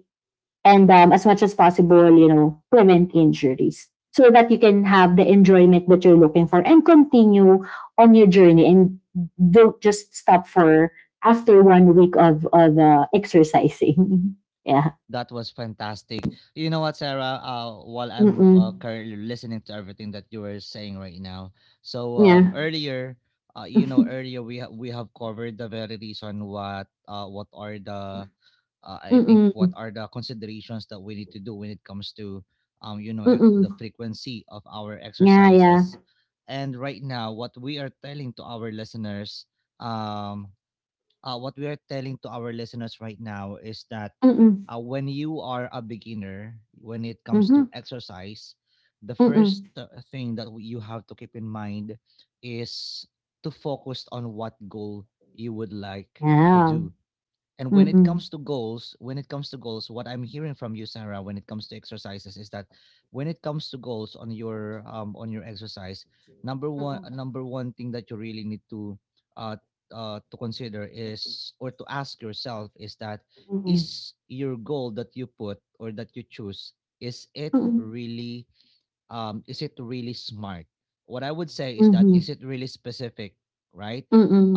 And as much as possible, you know, prevent injuries so that you can have the enjoyment that you're looking for, and continue on your journey, and don't just stop for after one week of exercising. Yeah. That was fantastic. You know what, Sarah? While I'm, Mm-mm. currently listening to everything that you were saying right now, so, Yeah. earlier, earlier, we have covered the very reason what, what are the I think what Mm-mm. are the considerations that we need to do when it comes to, the Mm-mm. frequency of our Yeah, yeah. exercises. And right now what we are telling to our listeners um what we are telling to our listeners right now is that Mm, when you are a beginner when it comes to mhm, exercise, the first mm. Thing that you have to keep in mind is to focus on what goal you would like to Yeah. do. And when it comes Mm. to goals, when it comes to goals, what I'm hearing from you, Sarah, when it comes to exercises, is that when it comes to goals on your exercise, number one Mm, number one thing that you really need uh to consider is, or to ask yourself, is that mm. is your goal that you put or that you choose, is it Mm, really is it really smart? What I would say is that is mhm, it really specific, right?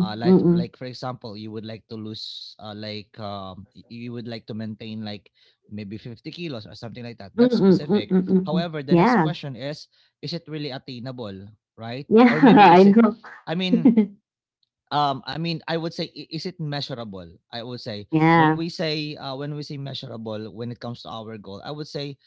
Like mm. like for example, you would like to lose like you would like to maintain like maybe 50 kilos or something like that. That's Mm, specific. mm, mm. However, the next Yeah. question is it really attainable, right? Yeah, Or maybe I is it know. I mean I mean I would say is it measurable? I would say when Yeah, we say when we say measurable when it comes to our goal, I would say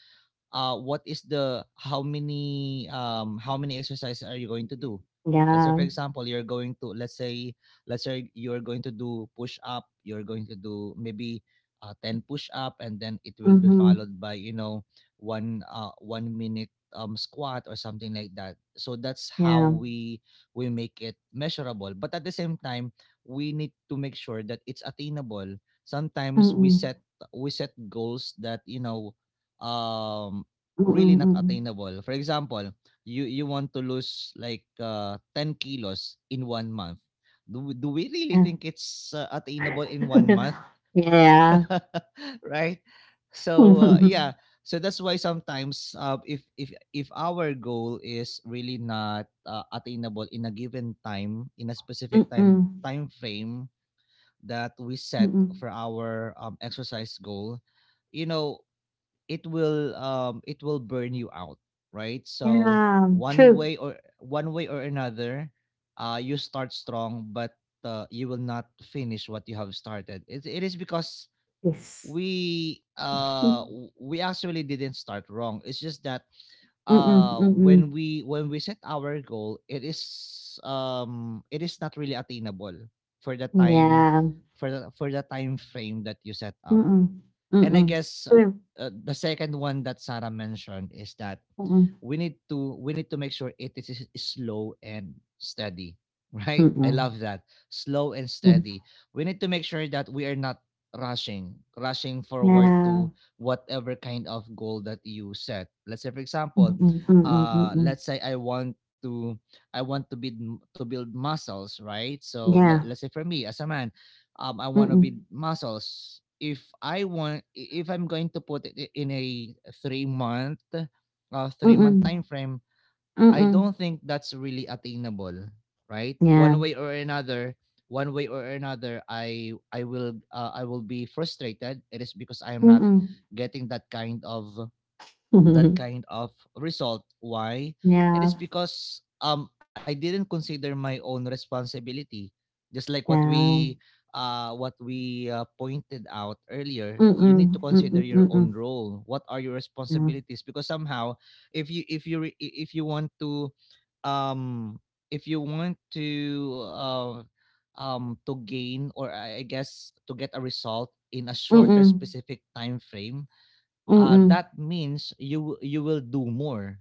what is the how many exercises are you going to do? Let's say yeah. for example, you're going to, let's say, let's say you're going to do push up. You're going to do maybe 10 push up, and then it will be Mhm, followed by, you know, one minute squat or something like that. So that's how yeah. we make it measurable. But at the same time, we need to make sure that it's attainable. Sometimes we Mm, set we set goals that, you know, um really not mm, attainable. For example, you want to lose like 10 kilos in 1 month. Do we really mm. think it's attainable in 1 month? Yeah. Right? So Mm, yeah, so that's why sometimes if our goal is really not attainable in a given time, in a specific time frame that we set for mm. our exercise goal, you know it will burn you out, right, so Yeah, one true. way or one way or another you start strong, but you will not finish what you have started. It is because Yes. we actually didn't start wrong, it's just that Mm, mm, when mm. we set our goal, it is not really attainable for the time Yeah. for the time frame that you set up. Mm, And I mm. guess, True. The second one that Sarah mentioned is that Mm, we need to make sure it is slow and steady, right? I mm. love that slow and Hmm, steady. We need to make sure that we are not rushing forward na to whatever kind of goal that you set. Let's say for example, mm. Mm, mm. let's say I want to build muscles, right, so let, Yeah. let's say for me as a man, I want to build Mm, muscles. if I want if I'm going to put it in a 3-month mm. time frame, I Mm. don't think that's really attainable, right? Yeah. One way or another, I will be frustrated. It is because I am not Mm. getting that kind of that kind of result. Why? It is Yeah, because I didn't consider my own responsibility. Just like yeah. What we pointed out earlier, you need to Mm, consider mm, your own mm. role. What are your Yeah. responsibilities? Because somehow if you want to, um if you want to uh to gain, or I guess to get a result in a shorter Mm. specific time frame, that means you w- you will do more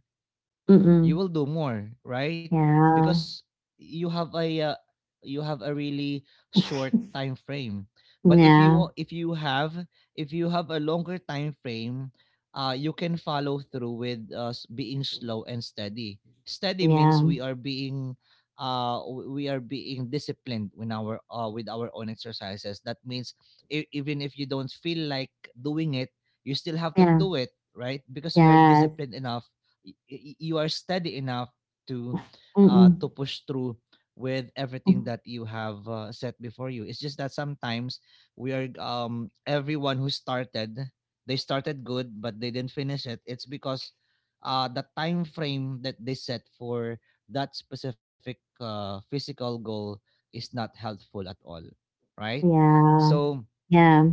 Mm, you mm. will do more, right? Yeah. Because you have a uh, you have a really short time frame. But Yeah, if you have a longer time frame, you can follow through with being slow and steady. Steady means yeah, we are being disciplined in our with our own exercises. That means, even if you don't feel like doing it, you still have to yeah, do it, right? Because you are yes. disciplined enough, you are steady enough to to Mm-mm. push through with everything Mm. that you have set before you. It's just that sometimes we are everyone who started, they started good but they didn't finish it. It's because the time frame that they set for that specific physical goal is not helpful at all, right? Yeah, So yeah.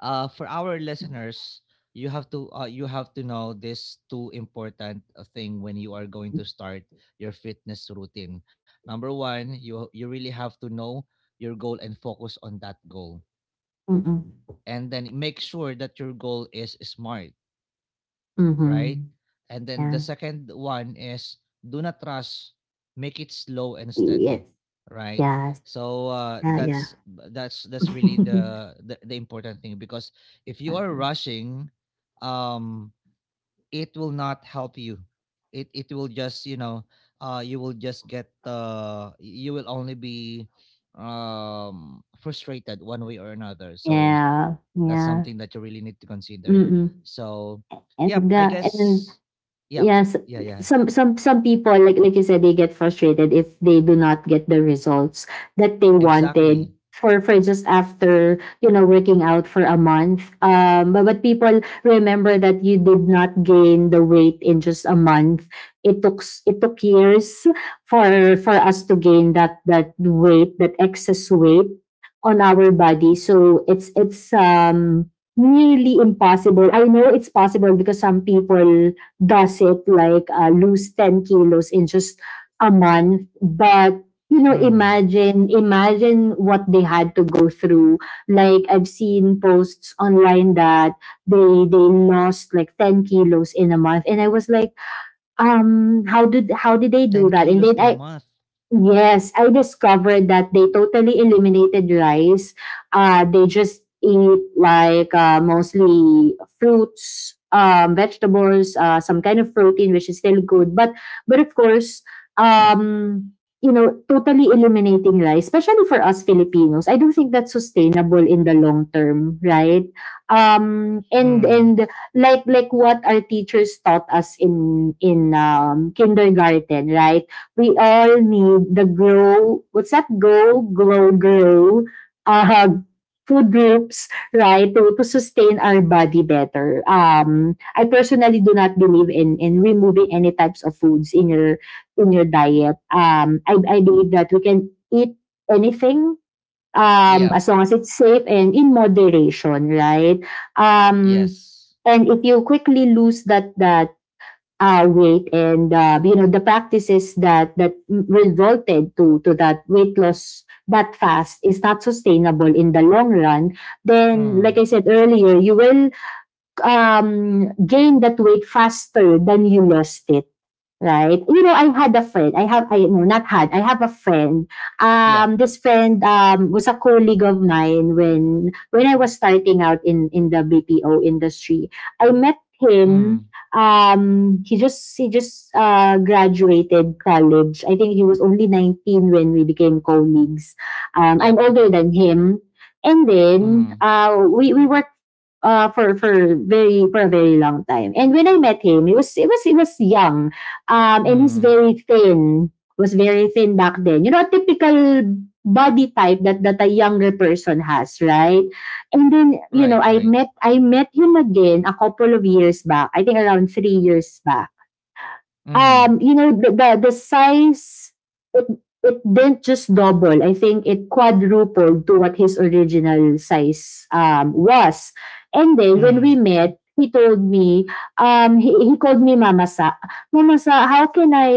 for our listeners, you have to know this two important thing when you are going to start your fitness routine. Number one, you really have to know your goal and focus on that goal, Mm. and then make sure that your goal is smart, right? Mm-hmm. And then the Yeah. second one is, do not rush, make it slow and steady, Yes. right? Yes. So Yeah, yeah. that's really the important thing, because if you are Awesome. rushing, um, it will not help you. It will just, you know, you will just get you will only be frustrated one way or another. So Yeah, that's yeah. something that you really need to consider, Mm-mm. so yep, And I uh, and guess. Yep. yes, Yeah, yeah. some people, like you said, they get frustrated if they do not get the results that they wanted Exactly. For just after, you know, working out for a month, but people remember that you did not gain the weight in just a month. It took years for us to gain that weight, that excess weight on our body. So it's nearly impossible. I know it's possible because some people does it, like, lose 10 kilos in just a month. But you know, Mm. imagine what they had to go through. Like I've seen posts online that they they lost like 10 kilos in a month, and I was like, how did they 10 do that? kilos And in then a I — month. Yes, I discovered that they totally eliminated rice. They just eat like, mostly fruits, vegetables, some kind of protein, which is still good. But of course, um, you know, totally eliminating rice, especially for us Filipinos, I don't think that's sustainable in the long term, right? And Mm. and like what our teachers taught us in kindergarten, right? We all need the grow, what's that, go, glow, grow, uh food groups, right, to sustain our body better. I personally do not believe in removing any types of foods in your diet. I believe that we can eat anything, Yep. as long as it's safe and in moderation, right? um Yes. and if you quickly lose that weight, and, you know, the practices that resulted to that weight loss that fast is not sustainable in the long run, then like Mm. I said earlier, you will, gain that weight faster than you lost it, right? You know, I had a friend. I have — I, no, not had. I have a friend. Yep. This friend was a colleague of mine when I was starting out in the BPO industry. I met him. Mm. He just graduated college. I think he was only 19 when we became colleagues. I'm Yep. older than him. And then, Mm. We were, uh, for for for a very long time. And when I met him, he was young, and he's Mm. very thin. Was very thin back then. You know, a typical body type that a younger person has, right? And then, you Right, know, I right. met I met him again a couple of years back. I think around 3 years back. Mm. You know, the size, it, it didn't just double. I think it quadrupled to what his original size was. And then when we Mm. met, he told me, he called me Mama Sa. Mama Sa, how can I,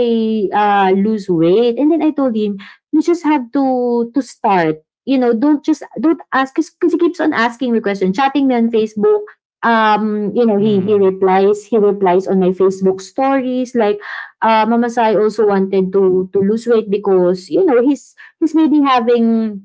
lose weight? And then I told him, you just have to start. You know, don't just don't ask, because he keeps on asking me questions, chatting me on Facebook. You know, he he Mm. replies, he replies on my Facebook stories, like, Mamasai also wanted to lose weight, because you know he's maybe having,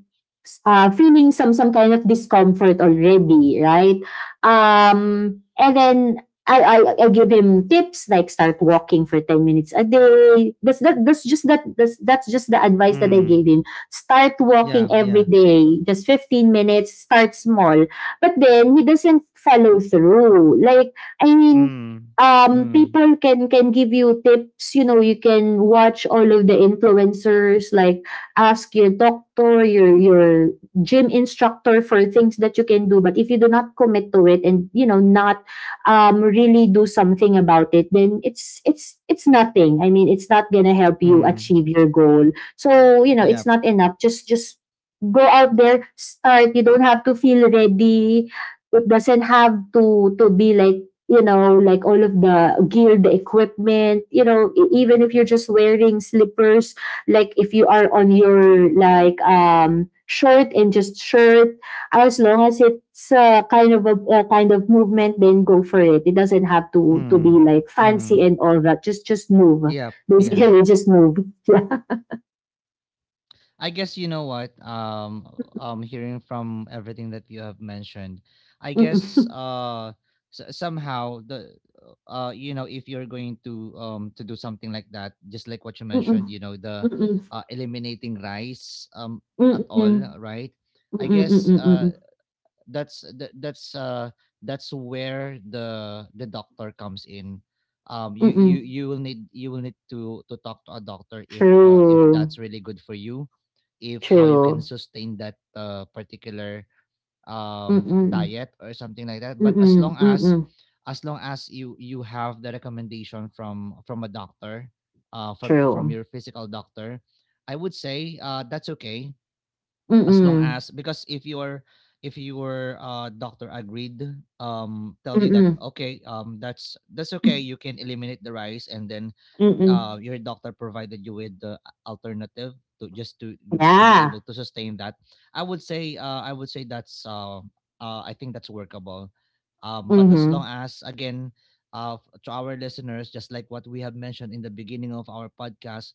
feeling some kind of discomfort already, right? And then I give him tips like start walking for 10 minutes a day. That's that that's just the advice that I Mm. gave him. Start Yeah, walking yeah. every day, just 15 minutes. Start small, but then he doesn't follow through. Like, I mean, Mm. Mm. people can give you tips, you know, you can watch all of the influencers, like ask your doctor, your gym instructor, for things that you can do. But if you do not commit to it, and you know not really do something about it, then it's nothing. I mean, it's not gonna help you Mm. achieve your goal. So you know, it's Yep. not enough, just go out there, start. You don't have to feel ready. It doesn't have to be like, you know, like all of the gear, the equipment, you know, even if you're just wearing slippers, like if you are on your, like, shirt and just shirt, as long as it's, kind of a kind of movement, then go for it. It doesn't have to be Mm. like fancy Mm. and all that. Just move, Yep, yeah. basically, just move. I guess, you know what. Hearing from everything that you have mentioned, I Yeah. guess somehow the you know, if you're going to do something like that, just like what you Mm-mm. mentioned, you know, the Mm-mm. Mm-mm. Eliminating rice at all, Mm-mm. right? I Mm-mm. guess Mm-mm. that's that, that's where the doctor comes in. You you Mm-mm. you will need to talk to a doctor, if True. that's really good for you, if how you can True. sustain that, particular Mm-mm. diet or something like that, Mm, but as mm, long mm as mm. as long as you have the recommendation from a doctor, from True. your physical doctor. I would say that's okay, Mm, as long mm. as — because if your doctor agreed, tell Mm, you that mm okay, that's okay, you can eliminate the rice, and then mm mm. Your doctor provided you with the alternative to just to to be Yeah. able to sustain that, I would say that's I think that's workable. Mm, But as long mhm. as, again, uh, to our listeners, just like what we have mentioned in the beginning of our podcast,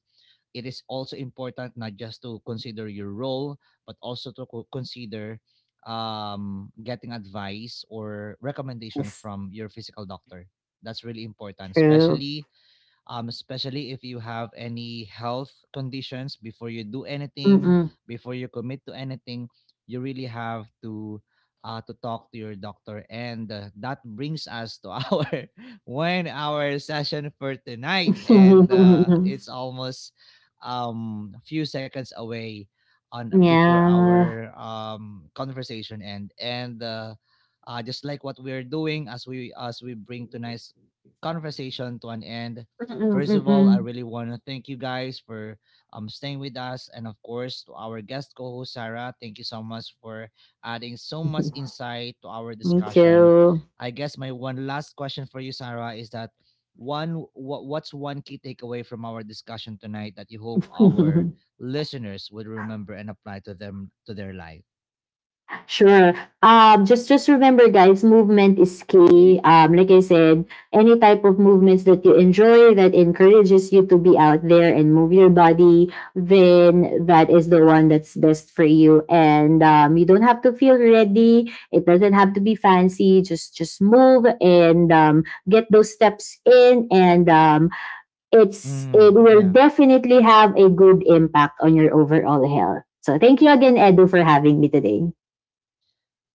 it is also important, not just to consider your role, but also to consider getting advice or recommendation That's from your physical doctor. That's really important, true. Especially if you have any health conditions. Before you do anything, Mm, before you commit to anything, you really have to to talk to your doctor. And that brings us to our 1 hour session for tonight, and mm. it's almost a few seconds away on before Yeah. our conversation end. And just like what we're doing, as we bring tonight's conversation to an end, Mm, mm, first of all, I Mm, really want to thank you guys for staying with us. And of course, to our guest co host, Sarah, thank you so much for adding so mm. much insight to our Me discussion. too. I guess my one last question for you, Sarah, is that, what's one key takeaway from our discussion tonight that you hope our listeners would remember and apply to them, to their life? Sure. Just remember, guys, movement is key. Like I said, any type of movements that you enjoy that encourages you to be out there and move your body, then that is the one that's best for you. And you don't have to feel ready. It doesn't have to be fancy. Just move, and, get those steps in, and, Mm, it will yeah. definitely have a good impact on your overall health. So thank you again, Edu, for having me today.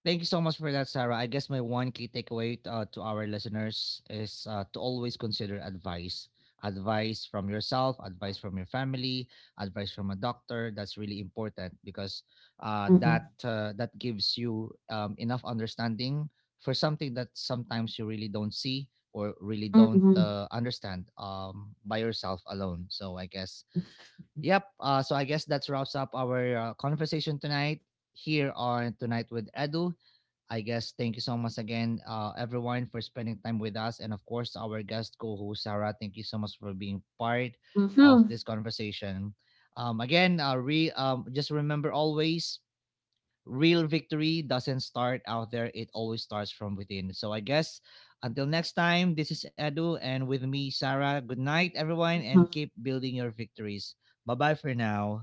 Thank you so much for that, Sarah. I guess my one key takeaway, to our listeners, is to always consider advice. Advice from yourself, advice from your family, advice from a doctor. That's really important because Mm-mm. That gives you enough understanding for something that sometimes you really don't see or really 嗯 don't 嗯 understand, by yourself alone. So I guess, yep. So I guess that wraps up our conversation tonight here on Tonight with Edu. I guess, thank you so much again, everyone, for spending time with us. And of course, our guest co host, Sarah, thank you so much for being part 嗯 of 哼 this conversation. Just remember, always, real victory doesn't start out there, it always starts from within. So I guess, until next time, this is Edu, and with me, Sarah. Good night, everyone, and 嗯。keep building your victories. Bye bye for now.